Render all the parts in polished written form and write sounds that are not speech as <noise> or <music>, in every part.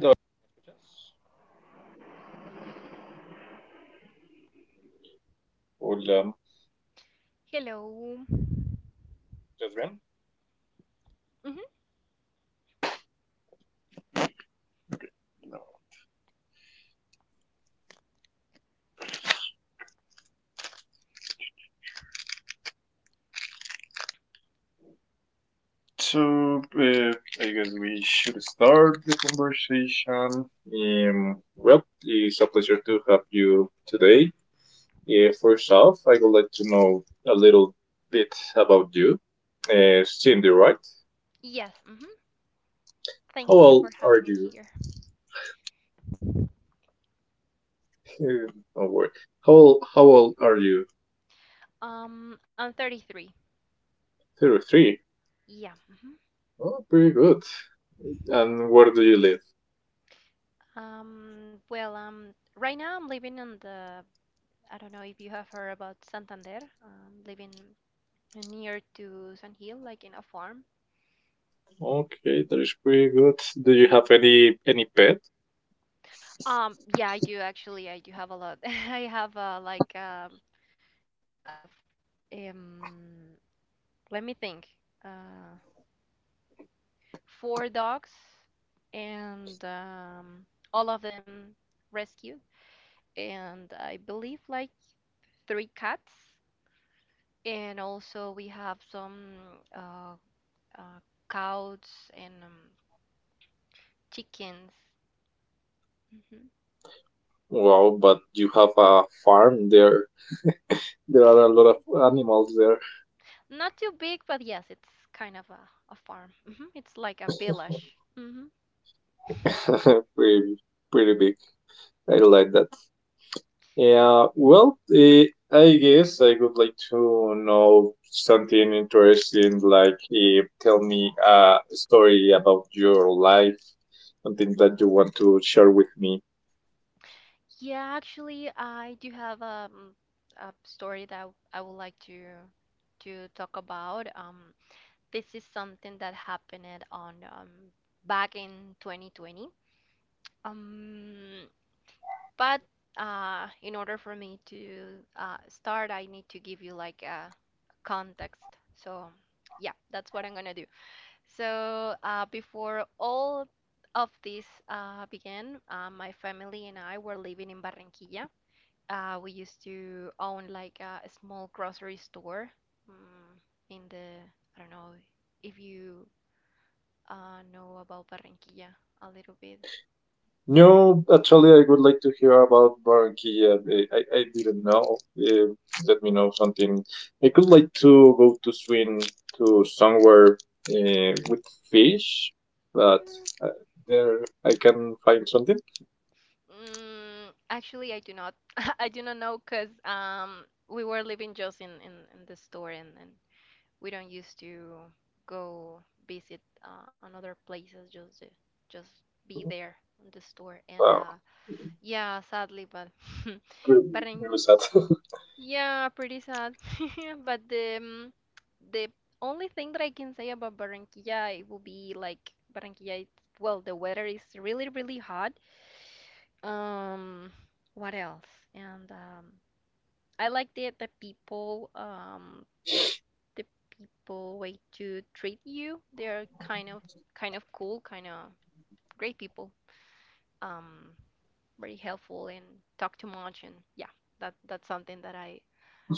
Hello, all, Hello. gentlemen. hmm So, I guess we should start the conversation. Well, it's a pleasure to have you today. First off, I would like to know a little bit about you. Cindy, right? Yes. How Thank you old for are having me you? here. <laughs> No worry. How old are you? I'm 33. 33. Yeah. Oh, pretty good. And where do you live? Um, well, um, right now I'm living in the. I don't know if you have heard about Santander. Living near to San Hill, like in a farm. Okay, that is pretty good. Do you have any pet? Yeah, I do actually. I do have a lot. <laughs> I have like uh, f- um, let me think. Uh, Four dogs, and all of them rescued, and I believe like three cats, and also we have some uh, uh, cows and chickens. hmm Wow, but you have a farm there. <laughs> There are a lot of animals there. Not too big, but yes, it's kind of a farm. It's like a village. <laughs> Pretty, pretty big. I like that. Yeah, well, I guess I would like to know something interesting, like tell me a story about your life, something that you want to share with me. Yeah, actually, I do have a story that I would like to talk about. This is something that happened on back in 2020. Um, But in order for me to start, I need to give you like a context. So, yeah, that's what I'm gonna do. So, before all of this began, my family and I were living in Barranquilla. We used to own like a small grocery store mm, in I don't know if you know about Barranquilla a little bit. No, actually, I would like to hear about Barranquilla. I didn't know. Let me know something. I could like to go to swim to somewhere with fish, but Mm, uh, there I can find something. Actually, I do not. <laughs> I do not know because we were living just in the store, and we don't used to go visit another places just just be there in the store and Wow. Yeah, sadly, but <laughs> Really, really but sad. in, yeah, pretty sad. <laughs> But the only thing that I can say about Barranquilla, it will be like Barranquilla. Well, the weather is really really hot um, what else? And I like the people, the people way to treat you. They're kind of cool, kind of great people. Um, Very helpful and talk too much, and yeah, that's something that I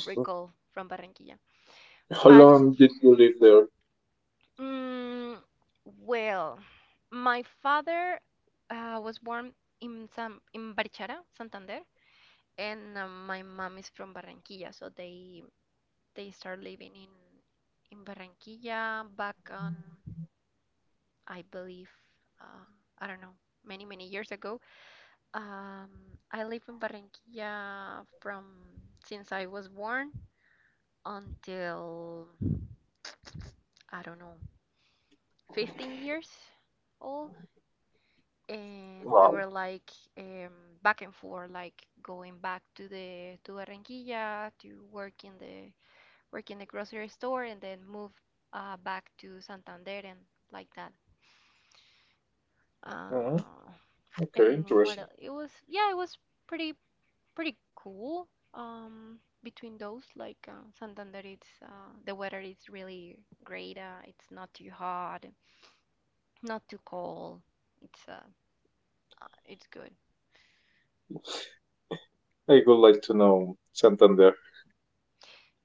recall from Barranquilla. <laughs> How But long did you live there? mm, well, my father was born in San in Barichara, Santander, and my mom is from Barranquilla, so they start living in Barranquilla back on, I believe, uh, I don't know, many many years ago. I live in Barranquilla from since I was born until, I don't know, 15 years old, and we Wow. were like back and forth, like going back to Barranquilla to work in the grocery store and then move back to Santander and like that. Oh, Uh, okay, and what interesting. el it was, yeah, it was pretty pretty cool. Between those, like Santander, it's the weather is really great. It's not too hot, not too cold. It's uh, it's good. I would like to know Santander.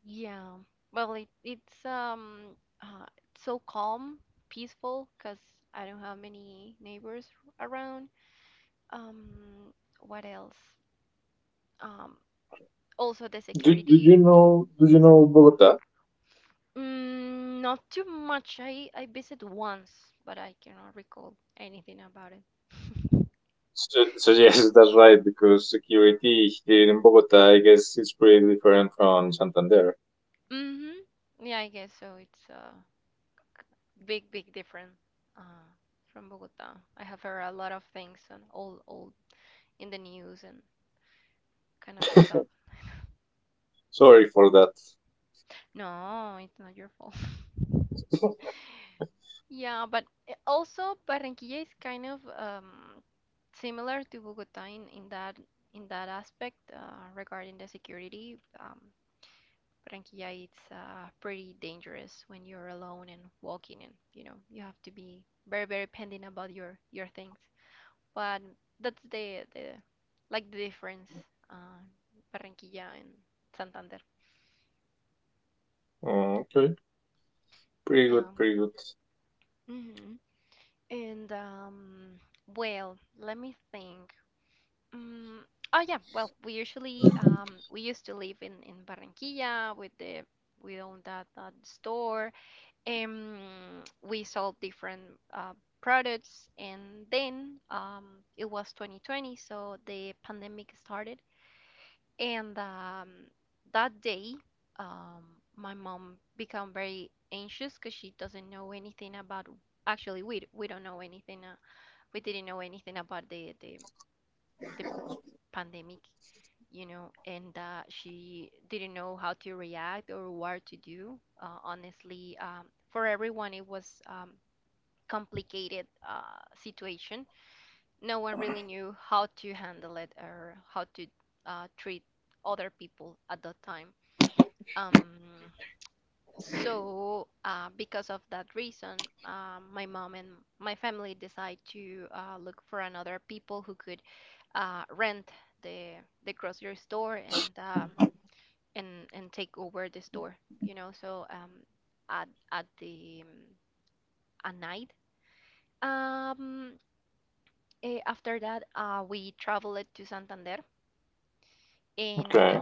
Yeah. Well, it's so calm, peaceful, 'cause I don't have many neighbors around. Um, what else? Um, Also the security. Do you know Bogota? Mm, not too much. I visit once, but I cannot recall anything about it. <laughs> So, yes, <laughs> that's right. Because security here in Bogota, I guess, is pretty different from Santander. Mm-hmm. Yeah, I guess so. It's a big, big different uh, from Bogota. I have heard a lot of things and all in the news and kind of stuff. Sorry for that. No, it's not your fault. Yeah, but also Barranquilla is kind of similar to Bogota in that aspect regarding the security. Barranquilla, it's pretty dangerous when you're alone and walking, and you know you have to be very very pending about your things. But that's the like the difference, uh, Barranquilla and Santander. Oh, okay, pretty Yeah. good, pretty good. hmm And well, let me think. Mm, oh yeah, well, we used to live in Barranquilla with the we owned that store. We sold different products, and then it was 2020, so the pandemic started, and that day, my mom became very anxious because she doesn't know anything about. Actually, we don't know anything. We didn't know anything about the pandemic, you know, and that she didn't know how to react or what to do. Honestly, for everyone, it was complicated situation. No one really knew how to handle it or how to treat other people at that time. Um, so, because of that reason, my mom and my family decide to look for another people who could rent the the grocery store, and and take over the store, you know, so at the at night. Um After that, we traveled to Santander, and Okay,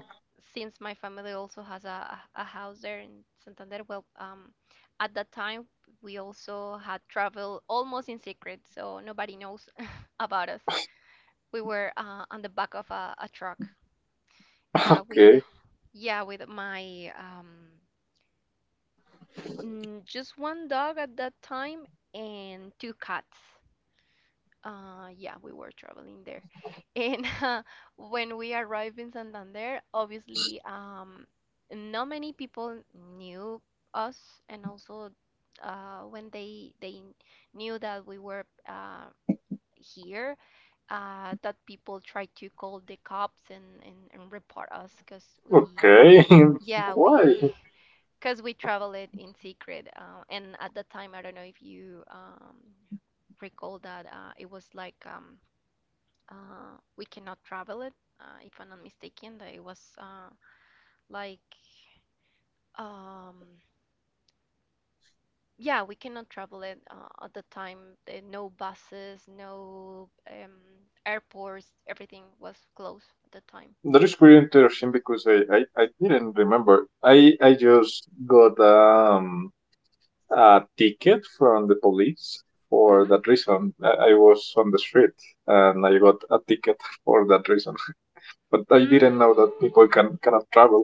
since my family also has a house there in Santander, well, at that time we also had traveled almost in secret, so nobody knows <laughs> about us. We were on the back of a truck with okay, yeah, with my just one dog at that time and two cats. Yeah, we were traveling there. And <laughs> when we arrived in Santander, obviously, not many people knew us, and also when they knew that we were here, that people tried to call the cops and report us because we, okay. yeah, <laughs> Why? we because we travel it in secret. And at that time, I don't know if you recall that it was like we cannot travel it, if I'm not mistaken. That it was like um, yeah, we cannot travel it at the time. There no buses, no airports. Everything was closed at the time. That is pretty interesting because I didn't remember. I just got a ticket from the police for hmm that reason. I was on the street and I got a ticket for that reason. <laughs> But I didn't know that people Mm, cannot travel.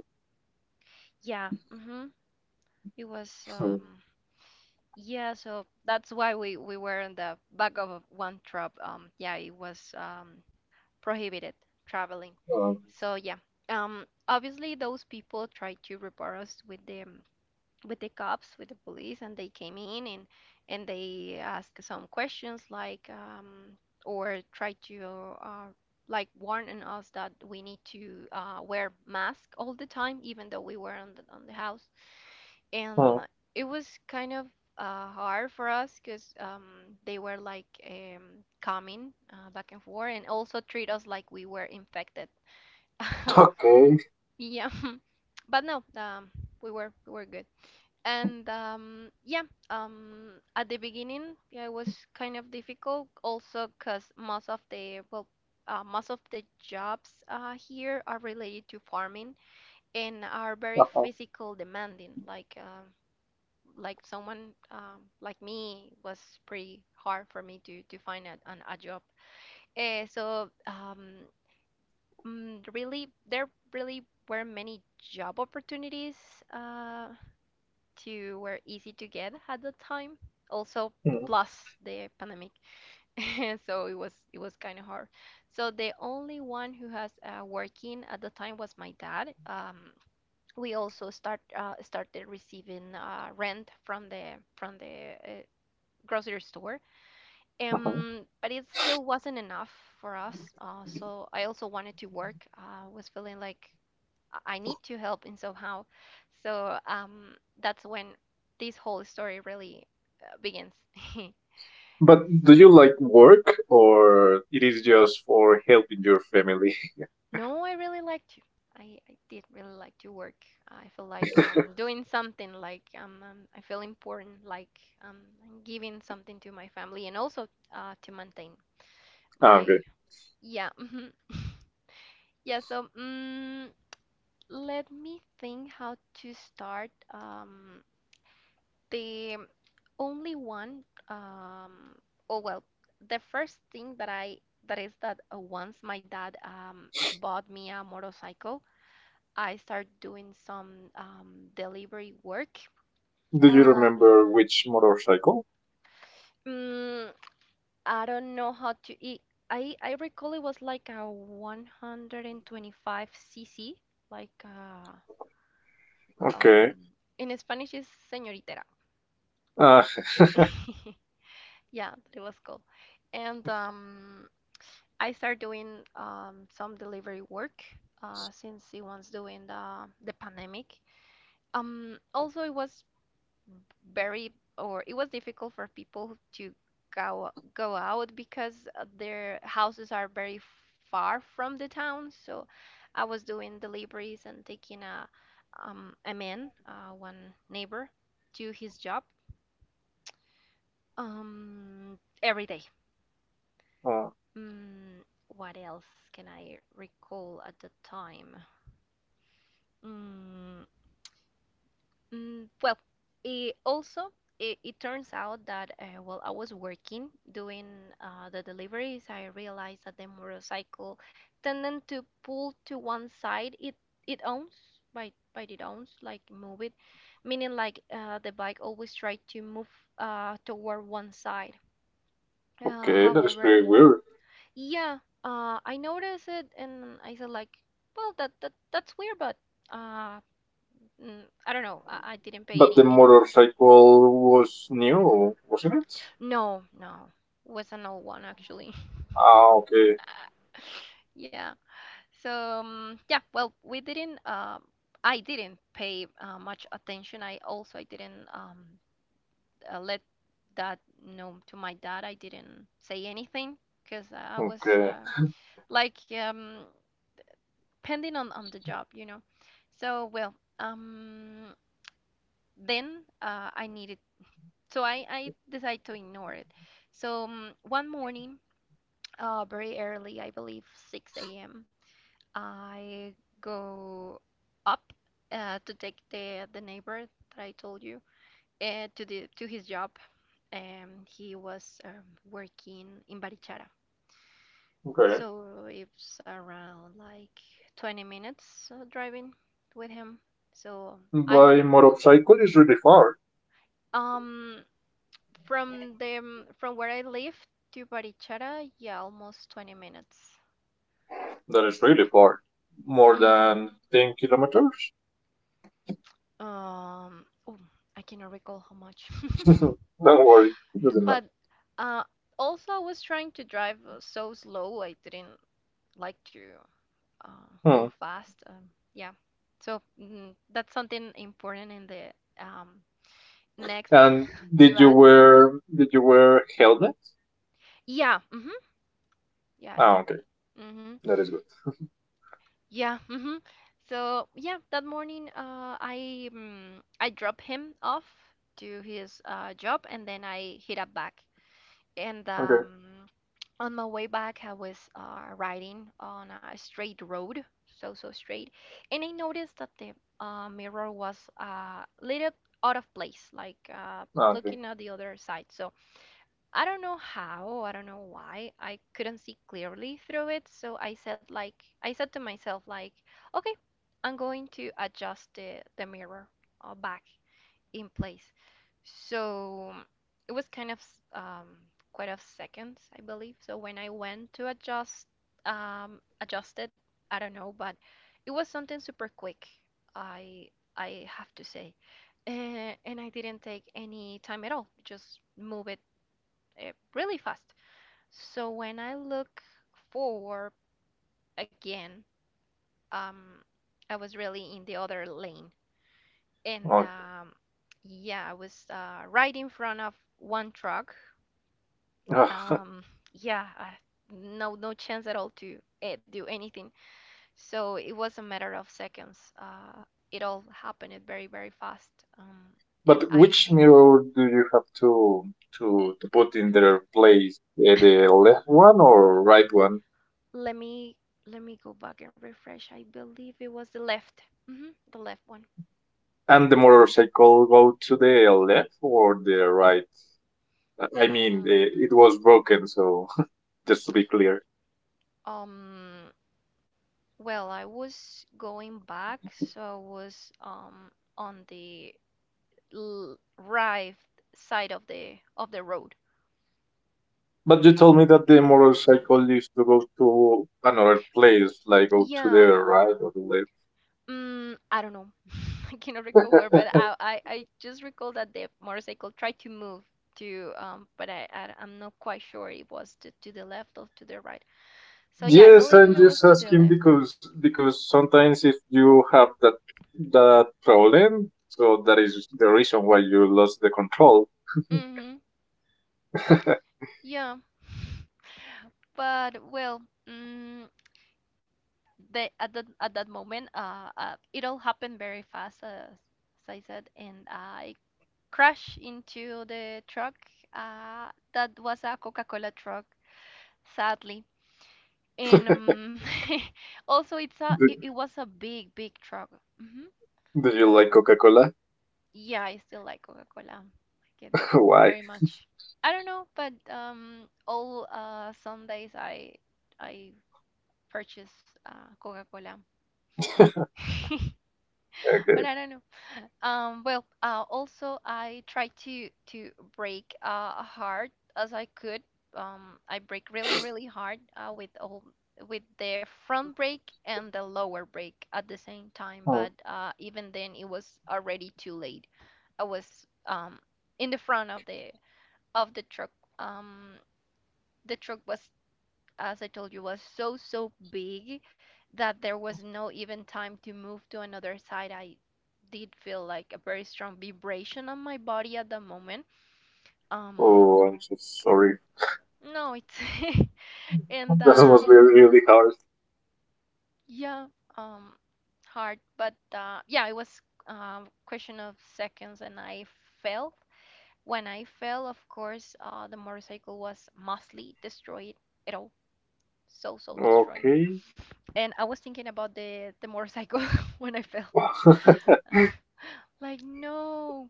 yeah. It was. So, Yeah, so that's why we were in the back of one truck. Yeah, it was prohibited traveling. So yeah, obviously those people tried to report us with the cops, with the police, and they came in and they asked some questions like or tried to uh like warning us that we need to wear mask all the time, even though we were on the house, and um, it was kind of hard for us because they were like coming back and forth and also treat us like we were infected. <laughs> okay. Yeah, <laughs> but no, we were good. And yeah, at the beginning, yeah, it was kind of difficult also because most of the jobs here are related to farming and are very <laughs> physical demanding. Like someone like me, it was pretty hard for me to find a job. So really, there really were many job opportunities uh, to were easy to get at the time. Also, plus the pandemic, <laughs> so it was kind of hard. So the only one who has working at the time was my dad. We also start started receiving rent from the grocery store. But it still wasn't enough for us. So I also wanted to work. I was feeling like I need to help in somehow. So that's when this whole story really begins. But do you like work or it is just for helping your family? <laughs> No, I really liked you. I did really like to work. I feel like doing something, like I feel important, like I'm giving something to my family and also to maintain <laughs> Okay. my yeah. Mhm. <laughs> Yeah, so let me think how to start. The only one, um, oh well, The first thing that I that is that once my dad bought me a motorcycle, I started doing some delivery work. Do you Uh, remember which motorcycle? mm, I don't know how. I recall it was like a 125 cc, like Okay. um, in Spanish is señoritera. Uh, <laughs> Yeah, that was cool. And I started doing some delivery work since it was during the pandemic. Also, it was very, or it was difficult for people to go out because their houses are very far from the town. So I was doing deliveries and taking a man, one neighbor, to his job every day. uh, Mm, what else can I recall at the time? Mm, well, it also it turns out that while I was working doing the deliveries, I realized that the motorcycle tended to pull to one side. It owns by it owns like move it, meaning like the bike always tried to move toward one side. Uh, okay, that is however, pretty weird. yeah, I noticed it, and I said like, well, that's weird, but uh, I don't know. I didn't pay But the any any. motorcycle was new, wasn't it? No, no, was an old one actually. Ah, okay, <laughs> Yeah. So yeah, well, we didn't. I didn't pay much attention. I also I didn't let that known to my dad. I didn't say anything because I was okay, like pending on the job. So well. Um, then I needed, so I decided to ignore it. So one morning, very early, I believe 6 a.m., I go up to take the neighbor that I told you, to the to his job, and he was working in Barichara, okay. so it's around like 20 minutes driving with him. So I By motorcycle is really far. um From the from where I live to Barichara, yeah, almost 20 minutes. That is really far. More Mm, than 10 kilometers? um, ooh, I cannot recall how much. <laughs> <laughs> Don't worry, doesn't matter. But uh, also I was trying to drive so slow. I didn't like to go Hmm. fast. Yeah. So that's something important in the um, next And <laughs> to did you add. wear did you wear helmet? Yeah. hmm Yeah, I Ah, do. okay, Mm-hmm. that is good. Yeah. hmm So yeah, that morning, I drop him off to his job, and then I hit up back. And Okay, on my way back, I was riding on a straight road, so so straight, and I noticed that the mirror was a little out of place, like okay, looking at the other side. So I don't know how, I don't know why. I couldn't see clearly through it, so I said to myself like, "Okay, I'm going to adjust the mirror back in place." So it was kind of um quite of seconds, I believe. So when I went to adjust it, I don't know, but it was something super quick. I I have to say. And I didn't take any time at all. Just move it really fast. So when I look forward again, um, I was really in the other lane, and okay. Yeah, I was right in front of one truck. Ah, Um, yeah, I, no no chance at all to do anything. So it was a matter of seconds. It all happened very very fast. Um, and but I which mirror do you have to put in their place? The left one or right one? Let me go back and refresh. I believe it was the left. Hmm the left one. And the motorcycle go to the left or the right? I mean, Mm. it was broken, so <laughs> just to be clear. Um, well, I was going back, so I was on the l right side of the road. But you told me that the moral cycle used to go to another place, like go to Yeah, the right or the left. I don't know. <laughs> I cannot recall where, but I just recall that the motorcycle tried to move to, but I'm not quite sure it was to the left or to the right. So yeah, I Yes, believe I'm it was just to the asking left. because sometimes if you have that problem, so that is the reason why you lost the control. <laughs> Mm-hmm. Yeah, <laughs> but well, mm the at that moment, it all happened very fast, as I said, and I crashed into the truck. That was a Coca-Cola truck, sadly. And <laughs> also do, it was a big truck. Hmm do you like Coca Cola? yeah, I still like Coca-Cola. Like it <laughs> Why? very much. I don't know, but all Sundays I purchase Coca-Cola. <laughs> But Okay. I don't know. Well, also I try to break hard as I could. I break really, really hard with all with the front brake and the lower brake at the same time. Oh, But even then, it was already too late. I was in the front of the truck. Um, the truck was, as I told you, was so, so big that there was no even time to move to another side. I did feel like a very strong vibration on my body at the moment. Um, oh, I'm so sorry. <laughs> no, it's <laughs> and That must be really hard. yeah, um, hard, but yeah, it was question of seconds, and I fell. When I fell, of course, the motorcycle was mostly destroyed at all, so so destroyed. Okay. And I was thinking about the motorcycle <laughs> when I fell. <laughs> Like, no.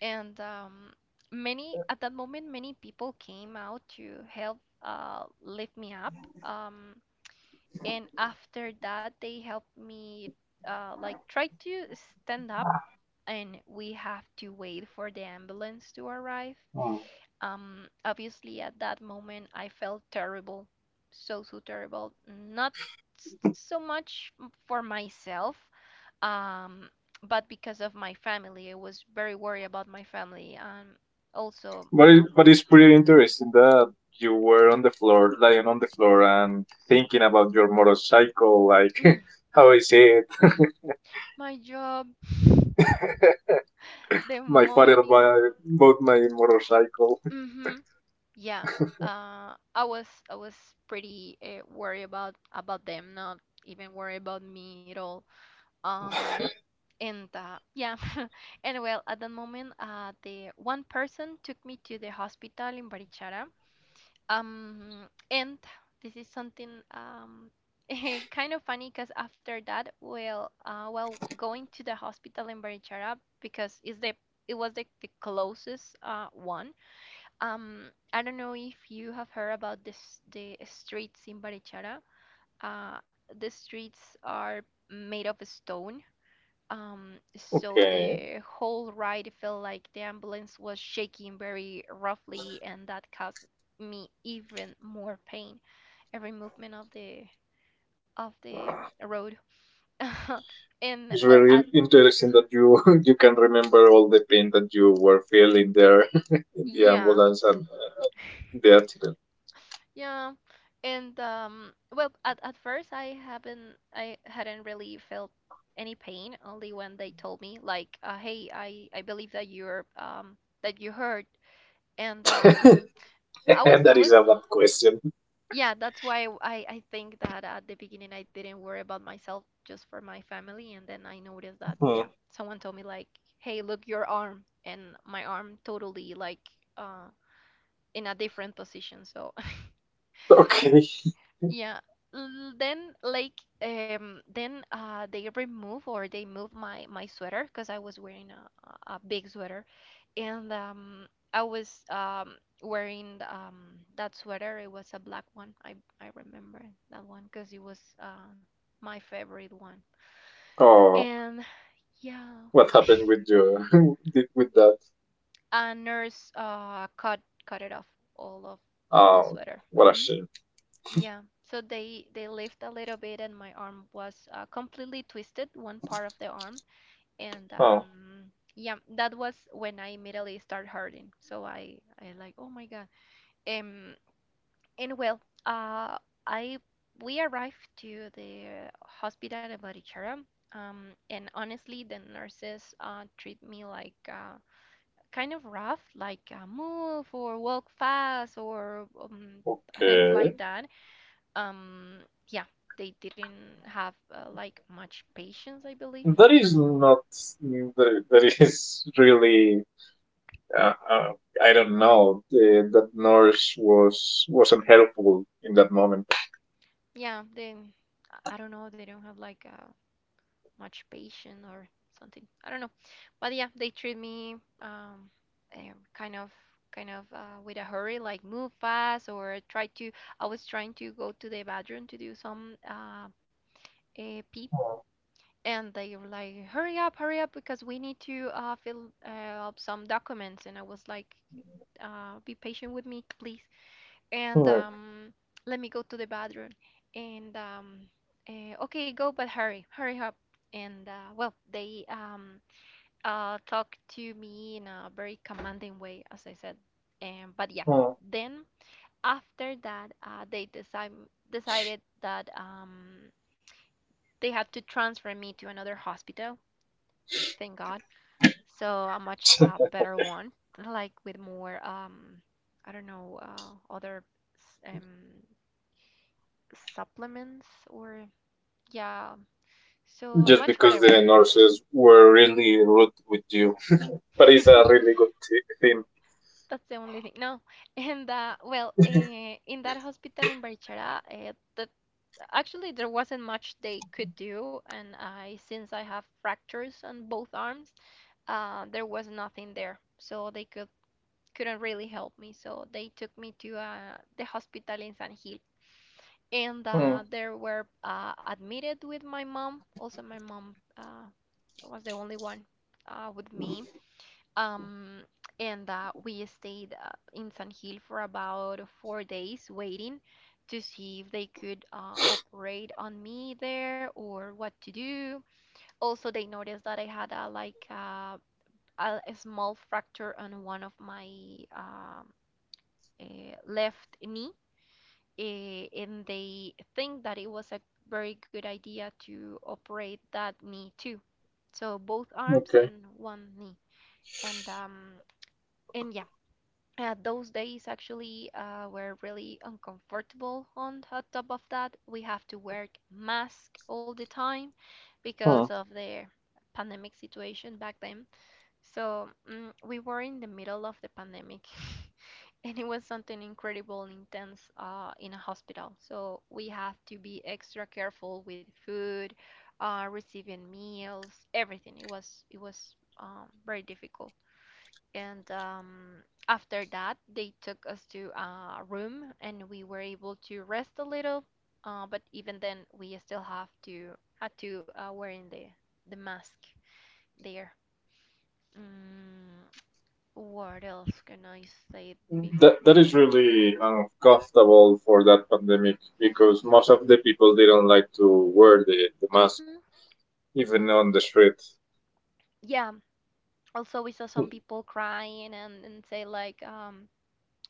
And many, at that moment, many people came out to help lift me up. Um, and after that, they helped me, like, try to stand up, and we have to wait for the ambulance to arrive. Hmm. Obviously, at that moment, I felt terrible. So, so terrible. Not s- so much m- for myself um but because of my family. I was very worried about my family, and also But it, but it's pretty interesting that you were on the floor, lying on the floor, and thinking about your motorcycle, mm, like, <laughs> how I said, <clears throat> my job, the my father money. bought my motorcycle. <laughs> Hmm yeah, I was pretty worried about them, not even worried about me at all. Um and Yeah, <laughs> and well, at that moment, the one person took me to the hospital in Barichara. And this is something <laughs> kind of funny because after that, well, going to the hospital in Barichara because it was the closest one. I don't know if you have heard about this, the streets in Barichara. Uh, the streets are made of stone, so Okay. the whole ride felt like the ambulance was shaking very roughly, and that caused me even more pain, every movement of the road. <laughs> And It's well, at very interesting that you <laughs> you can remember all the pain that you were feeling there <laughs> in the yeah, ambulance and the accident. yeah, and well, at first I hadn't really felt any pain, only when they told me like, hey, I believe that you're that you hurt, and <laughs> I was And I that is was. a bad question. Yeah, that's why w- I think that at the beginning, I didn't worry about myself, just for my family, and then I noticed that, Hmm. yeah, someone told me like, hey, look your arm, and my arm totally like uh in a different position. So Okay. yeah. L- Then like then they remove or they move my sweater because I was wearing a big sweater, and I was wearing that sweater. It was a black one, I remember that one because it was my favorite one. Oh, And yeah, what happened with you <laughs> with that? a nurse cut it off, all of all the Um, sweater. what a Hmm shame. Yeah, so they lift a little bit, and my arm was completely twisted, one part of the arm, and Oh, yeah, that was when I immediately start hurting. So I like, oh my God. Um, and well, uh, I We arrived to the hospital in Barichara, and honestly, the nurses treat me like, kind of rough, like, move or walk fast, or things okay, like that. um yeah, they didn't have, like, much patience, I believe. that is not that, is really, uh, uh, I don't know, that nurse wasn't helpful in that moment. Yeah, they I don't know, they don't have like, much patience or something, I don't know. But yeah, they treat me, um kind of with a hurry, like, move fast or try to, I was trying to go to the bathroom to do some a pee, and they were like, hurry up, hurry up, because we need to fill up some documents. And I was like, be patient with me, please. And <laughs> let me go to the bathroom. And okay, go, but hurry, hurry up. And well, they talk to me in a very commanding way, as I said. But yeah, then after that, they decided that they had to transfer me to another hospital. Thank God. So a much better one, like with more I don't know, other s- um, supplements or yeah, so a Just much better because one. the nurses were really rude with you, but it's a really good thing. That's the only thing, no. <laughs> And well, in that hospital in Barichara, that actually there wasn't much they could do, and I, since I have fractures on both arms, there was nothing there, so they couldn't really help me. So they took me to the hospital in San Gil. And Hmm. They were admitted with my mom. Also my mom, was the only one with me. Um, and we stayed in San Gil for about four days, waiting to see if they could operate on me there or what to do. Also, they noticed that I had a like, a small fracture on one of my um, left knee, and they think that it was a very good idea to operate that knee too. So both arms Okay. and one knee. And yeah, those days actually were really uncomfortable. On t- top of that, we have to wear mask all the time Hmm. because of the pandemic situation back then. So we were in the middle of the pandemic, <laughs> and it was something incredible and intense in a hospital. So we have to be extra careful with food, receiving meals, everything. It was very difficult. And after that, they took us to a room, and we were able to rest a little. But even then, we still have to had to wearing the mask there. Mm, what else can I say That is before? really uncomfortable for that pandemic because most of the people didn't like to wear the mask Mm-hmm. even on the street. Yeah. Also, we saw some people crying and say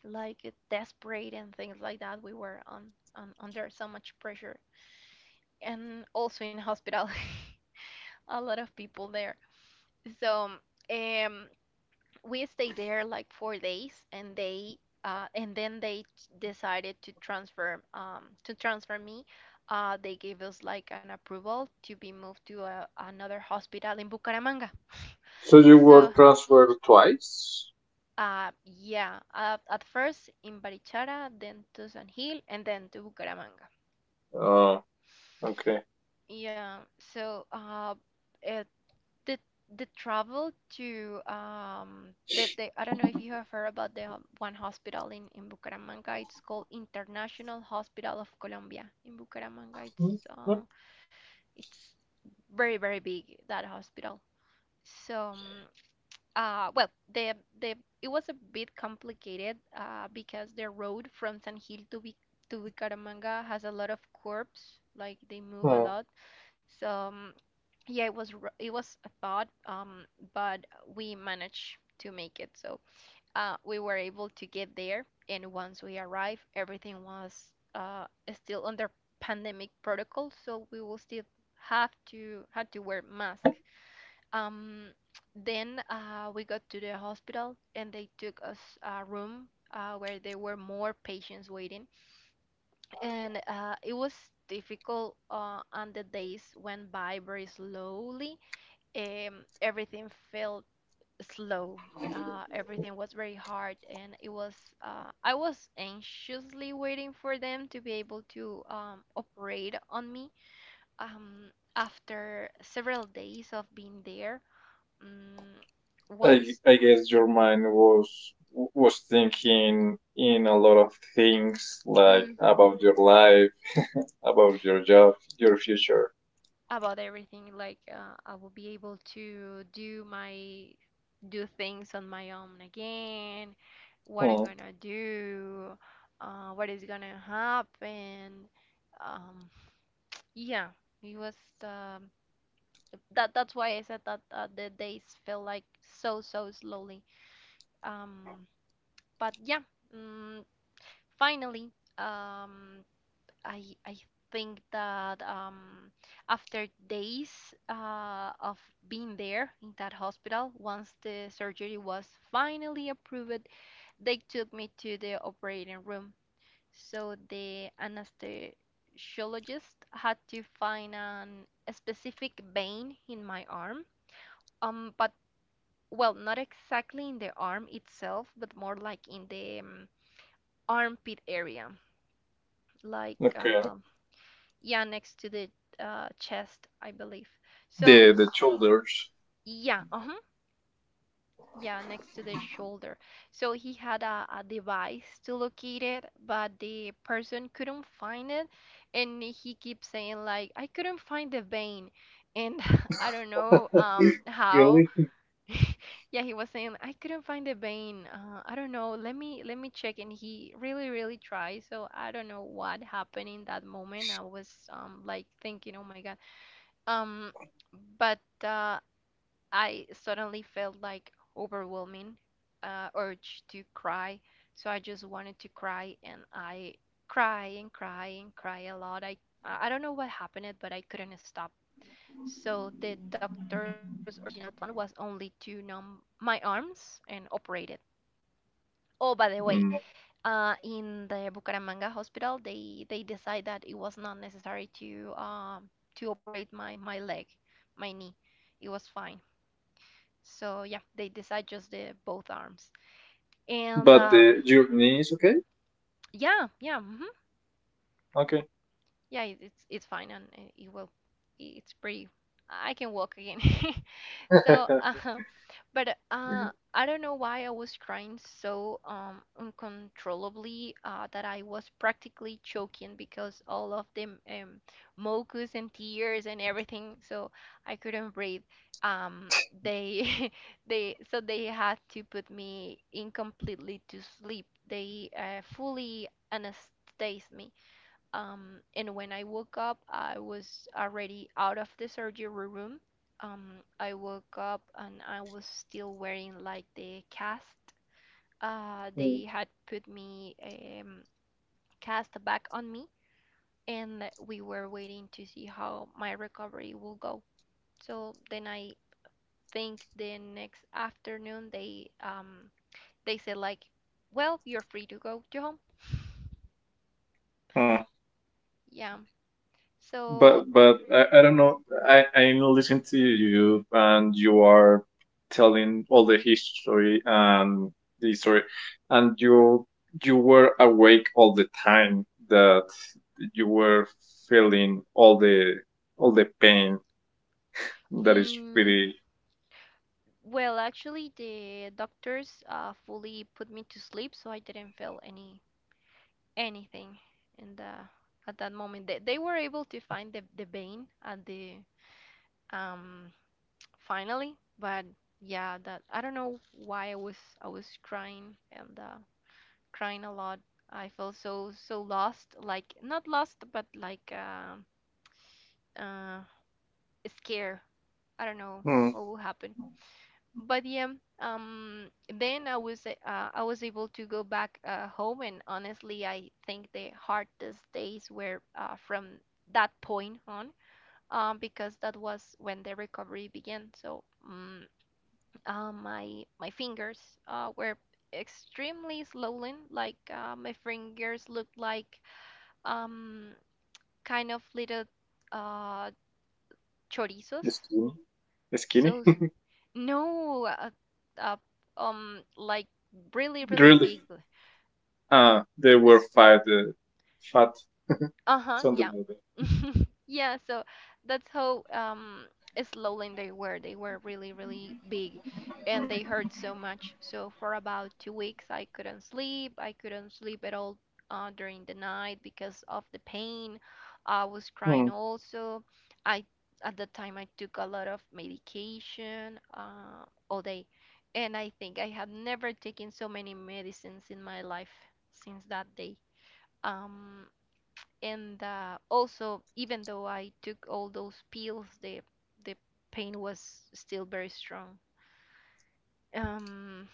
like desperate and things like that. We were on under so much pressure, and also in hospital, <laughs> a lot of people there. So um, we stayed there like 4 days, and they and then they ch- decided to transfer me. They gave us like an approval to be moved to another hospital in Bucaramanga. So you were So transferred twice? Yeah, at first in Barichara, then to San Gil, and then to Bucaramanga. Oh, okay. Yeah, so uh, the the travel to the I don't know if you have heard about one hospital in Bucaramanga. It's called International Hospital of Colombia in Bucaramanga. Mm, It's mm, uh it's very very big, that hospital. So well the it was a bit complicated because the road from San Gil to Bucaramanga has a lot of curves, like they move a mm. lot. So yeah, it was a thought, but we managed to make it. We were able to get there, and once we arrived, everything was still under pandemic protocol, so we will still have to had to wear masks. Um, then we got to the hospital, and they took us a room where there were more patients waiting, and it was difficult. And the days went by very slowly. Everything felt slow. Everything was very hard, and it was I was anxiously waiting for them to be able to operate on me. After several days of being there, um, I, once I guess your mind was thinking in a lot of things like mm, about your life, about your job, your future. about everything, like I will be able to do my do things on my own again, what I'm Oh, gonna do, what is gonna happen. Um, yeah, it was um, that. That's why I said that the days felt like so slowly. Um, but yeah, mm, finally, um, I think that after days of being there in that hospital, once the surgery was finally approved, they took me to the operating room. So the anesthesiologist had to find a specific vein in my arm. But well, not exactly in the arm itself, but more like in the armpit area, like okay. uh, yeah, next to the chest, I believe. So The shoulders. yeah, uh-huh. Yeah, next to the shoulder. So he had a device to locate it, but the person couldn't find it. And he keeps saying, like, "I couldn't find the vein." And <laughs> I don't know <laughs> how. Really? <laughs> Yeah, he was saying, "I couldn't find the vein. I don't know. Let me check." And he really, really tried. So I don't know what happened in that moment. I was like thinking, "Oh my God." Um, but uh, I suddenly felt like overwhelming urge to cry. So I just wanted to cry, and I cry and cry and cry a lot. I don't know what happened, but I couldn't stop. So the doctor's original plan was only to numb my arms and operate it. Oh, by the way, Mm. In the Bucaramanga hospital, they decide that it was not necessary to operate my leg, my knee. It was fine. So yeah, they decide just the both arms. And But the your knees, okay? yeah, yeah, hmm, Okay. yeah, it's fine, and it's pretty. I can walk again. <laughs> So <laughs> uh, But I don't know why I was crying so uncontrollably that I was practically choking because all of the mucus and tears and everything, so I couldn't breathe. Um, they, <laughs> they had to put me in completely to sleep. They fully anesthetized me. And when I woke up, I was already out of the surgery room. I woke up, and I was still wearing like the cast. They had put me cast back on me, and we were waiting to see how my recovery will go. So then I think the next afternoon they said like, "Well, you're free to go to home." Mm. Yeah. So. But I don't know. I listen to you and you are telling all the history and the story, and you were awake all the time that you were feeling all the pain that is mm really Well, actually, the doctors fully put me to sleep, so I didn't feel anything in the at that moment. They were able to find the vein at the um finally, but yeah, that I don't know why I was crying and crying a lot. I felt so lost, like, not lost, but like uh scared. I don't know mm, what will happen. But yeah, then I was able to go back home. And honestly, I think the hardest days were from that point on, because that was when the recovery began. So my fingers were extremely swollen. Like my fingers looked like um kind of little uh chorizos. skinny, skinny. So <laughs> no, uh, like, really, really Really, big. They were It's fat, fat, uh-huh, something yeah. like that. <laughs> Yeah, so that's how slowly they were. They were really, really big, and they hurt so much. So for about 2 weeks, I couldn't sleep. I couldn't sleep at all during the night because of the pain. I was Hmm. crying also. I At that time, I took a lot of medication all day. And I think I have never taken so many medicines in my life since that day. Um, and also, even though I took all those pills, the pain was still very strong. Um,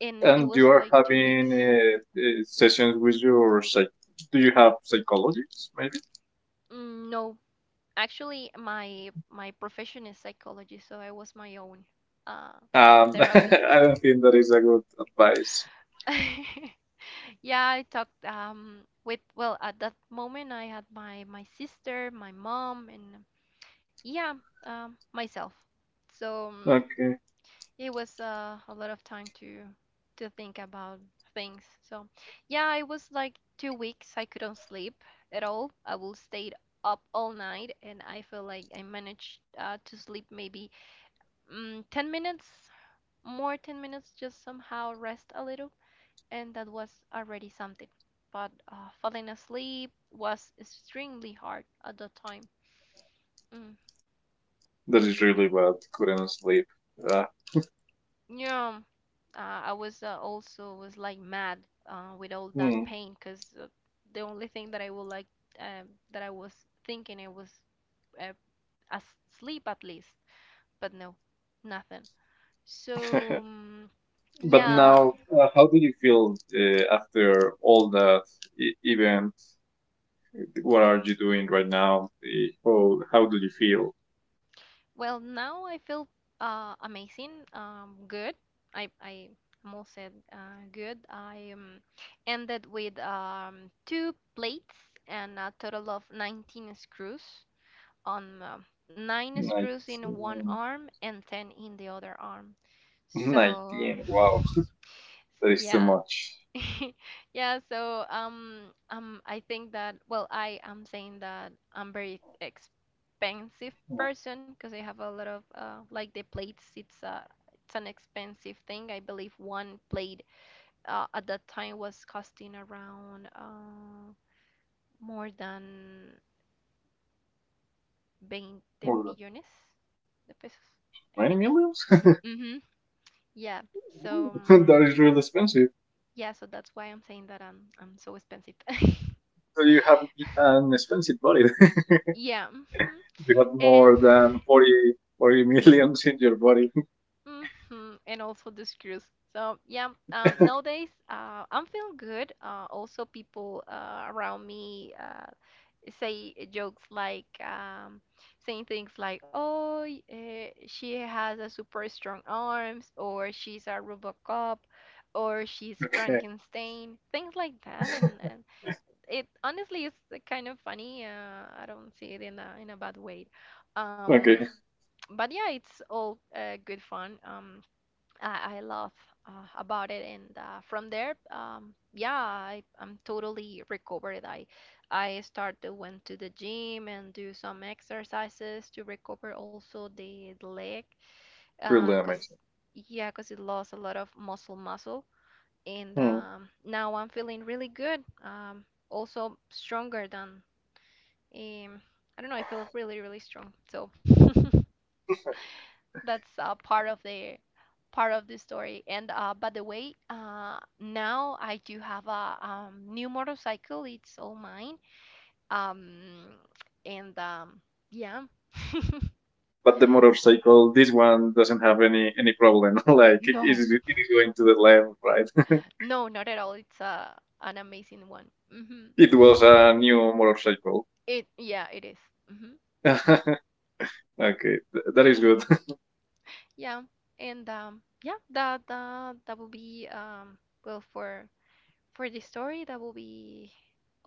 and it And you was are like two having weeks. Sessions with your psych. Do you have psychologists? Maybe. No, actually, my profession is psychology, so I was my own uh, <laughs> therapist. I don't think that is a good advice. <laughs> Yeah, I talked with, well, at that moment I had my sister, my mom, and yeah, myself. So. Okay, It was a lot of time to think about things. So, yeah, it was like 2 weeks I couldn't sleep at all. I will stayed up all night, and I feel like I managed to sleep maybe 10 minutes, more 10 minutes, just somehow rest a little, and that was already something. But falling asleep was extremely hard at the time. Mm. that is really bad. Couldn't sleep. Ah, Yeah, I was also was like mad with all that hmm. pain because the only thing that I would like that I was thinking it was uh, asleep at least, but no, nothing. So <laughs> But yeah, now, how do you feel after all that event? What are you doing right now? How do you feel? well now I feel amazing, good. I am all said good. I ended with two plates and a total of 19 screws. On nine screws in one 19. arm and 10 in the other arm. <laughs> So, 19. Wow, that <laughs> is too yeah. much. <laughs> Yeah, so I think that, well, I am saying that I'm very expensive person because I have a lot of like the plates it's an expensive thing. I believe one plate at that time was costing around more than 20 More than millones de pesos, I 20 think. millions. Mm-hmm. Yeah. So <laughs> That is really expensive. yeah, so that's why I'm saying that I'm so expensive. <laughs> So you have an expensive body. <laughs> Yeah. Mhm. You have And more than forty millions <laughs> in your body. and also the screws. So yeah, nowadays I'm feeling good. Also, people around me say jokes like, saying things like, "Oh, she has a super strong arms," or "She's a Robocop," or "She's Okay. Frankenstein," things like that. And, it honestly is kind of funny. I don't see it in a bad way. Um, Okay, but yeah, it's all good fun. I love about it, and from there, yeah, I'm totally recovered. I start to went to the gym and do some exercises to recover also the leg, really cause amazing. yeah, cause it lost a lot of muscle. And Hmm. Now I'm feeling really good. Also stronger than um, I don't know. I feel really, really strong. So that's part of the story. And by the way, now I do have a new motorcycle. It's all mine. Um, and yeah, But the motorcycle, this one doesn't have any problem. <laughs> Like it is, no, it is going to the left, right? no, not at all. It's an amazing one. Hmm. <laughs> It was a new motorcycle. It Yeah, it is. Mm-hmm. <laughs> Okay, that is good. Yeah, and yeah, that will be well, for the story that will be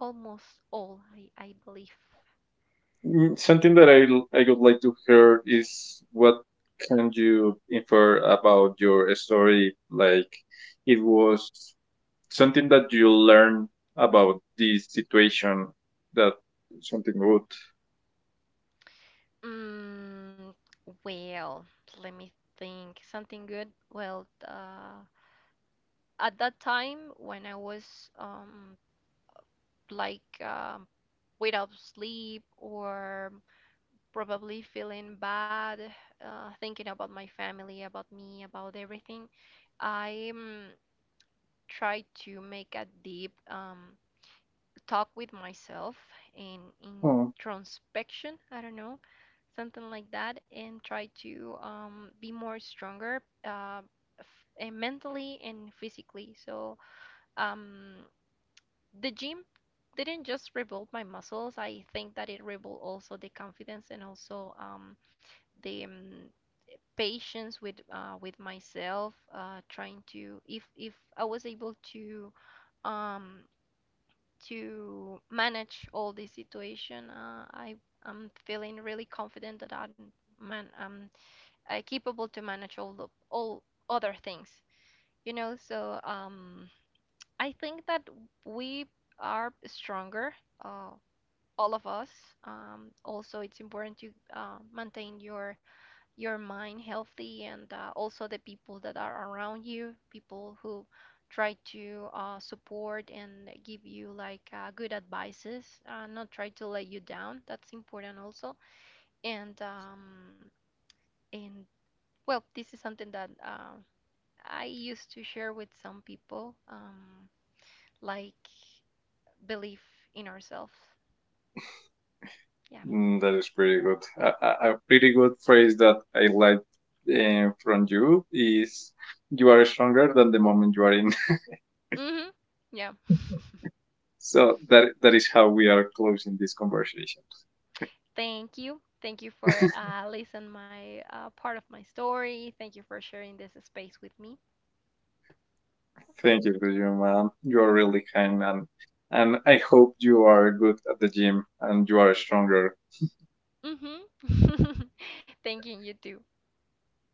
almost all I believe. Something that I would like to hear is what can you infer about your story? Like it was something that you learned about this situation that something good. Mm, well, let me think something good. Well, at that time when I was like um without sleep or probably feeling bad, thinking about my family, about me, about everything, I try to make a deep talk with myself in Mm. introspection. I don't know, something like that, and try to be more stronger uh, f- mentally and physically. So um, the gym didn't just rebuild my muscles. I think that it rebuilt also the confidence, and also the patience with myself. Trying to, if I was able to um, manage all this situation. I'm feeling really confident that I'm capable to manage all other things. You know, so I think that we are stronger, uh, all of us. Also, it's important to maintain your mind healthy, and also the people that are around you, people who try to support and give you like good advices, not try to let you down. That's important also. And and well, this is something that I used to share with some people, like, belief in ourselves. Yeah. That is pretty good. A pretty good phrase that I like from you is "You are stronger than the moment you are in." <laughs> Mm-hmm. Yeah. So that is how we are closing this conversation. Thank you. Thank you for listening my part of my story. Thank you for sharing this space with me. Thank you, Guju, man. You are really kind, man. And I hope you are good at the gym and you are stronger. Mm-hmm. <laughs> Thank you, you too.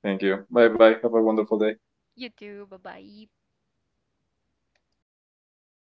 Thank you. Bye bye. Have a wonderful day. You too. Bye bye.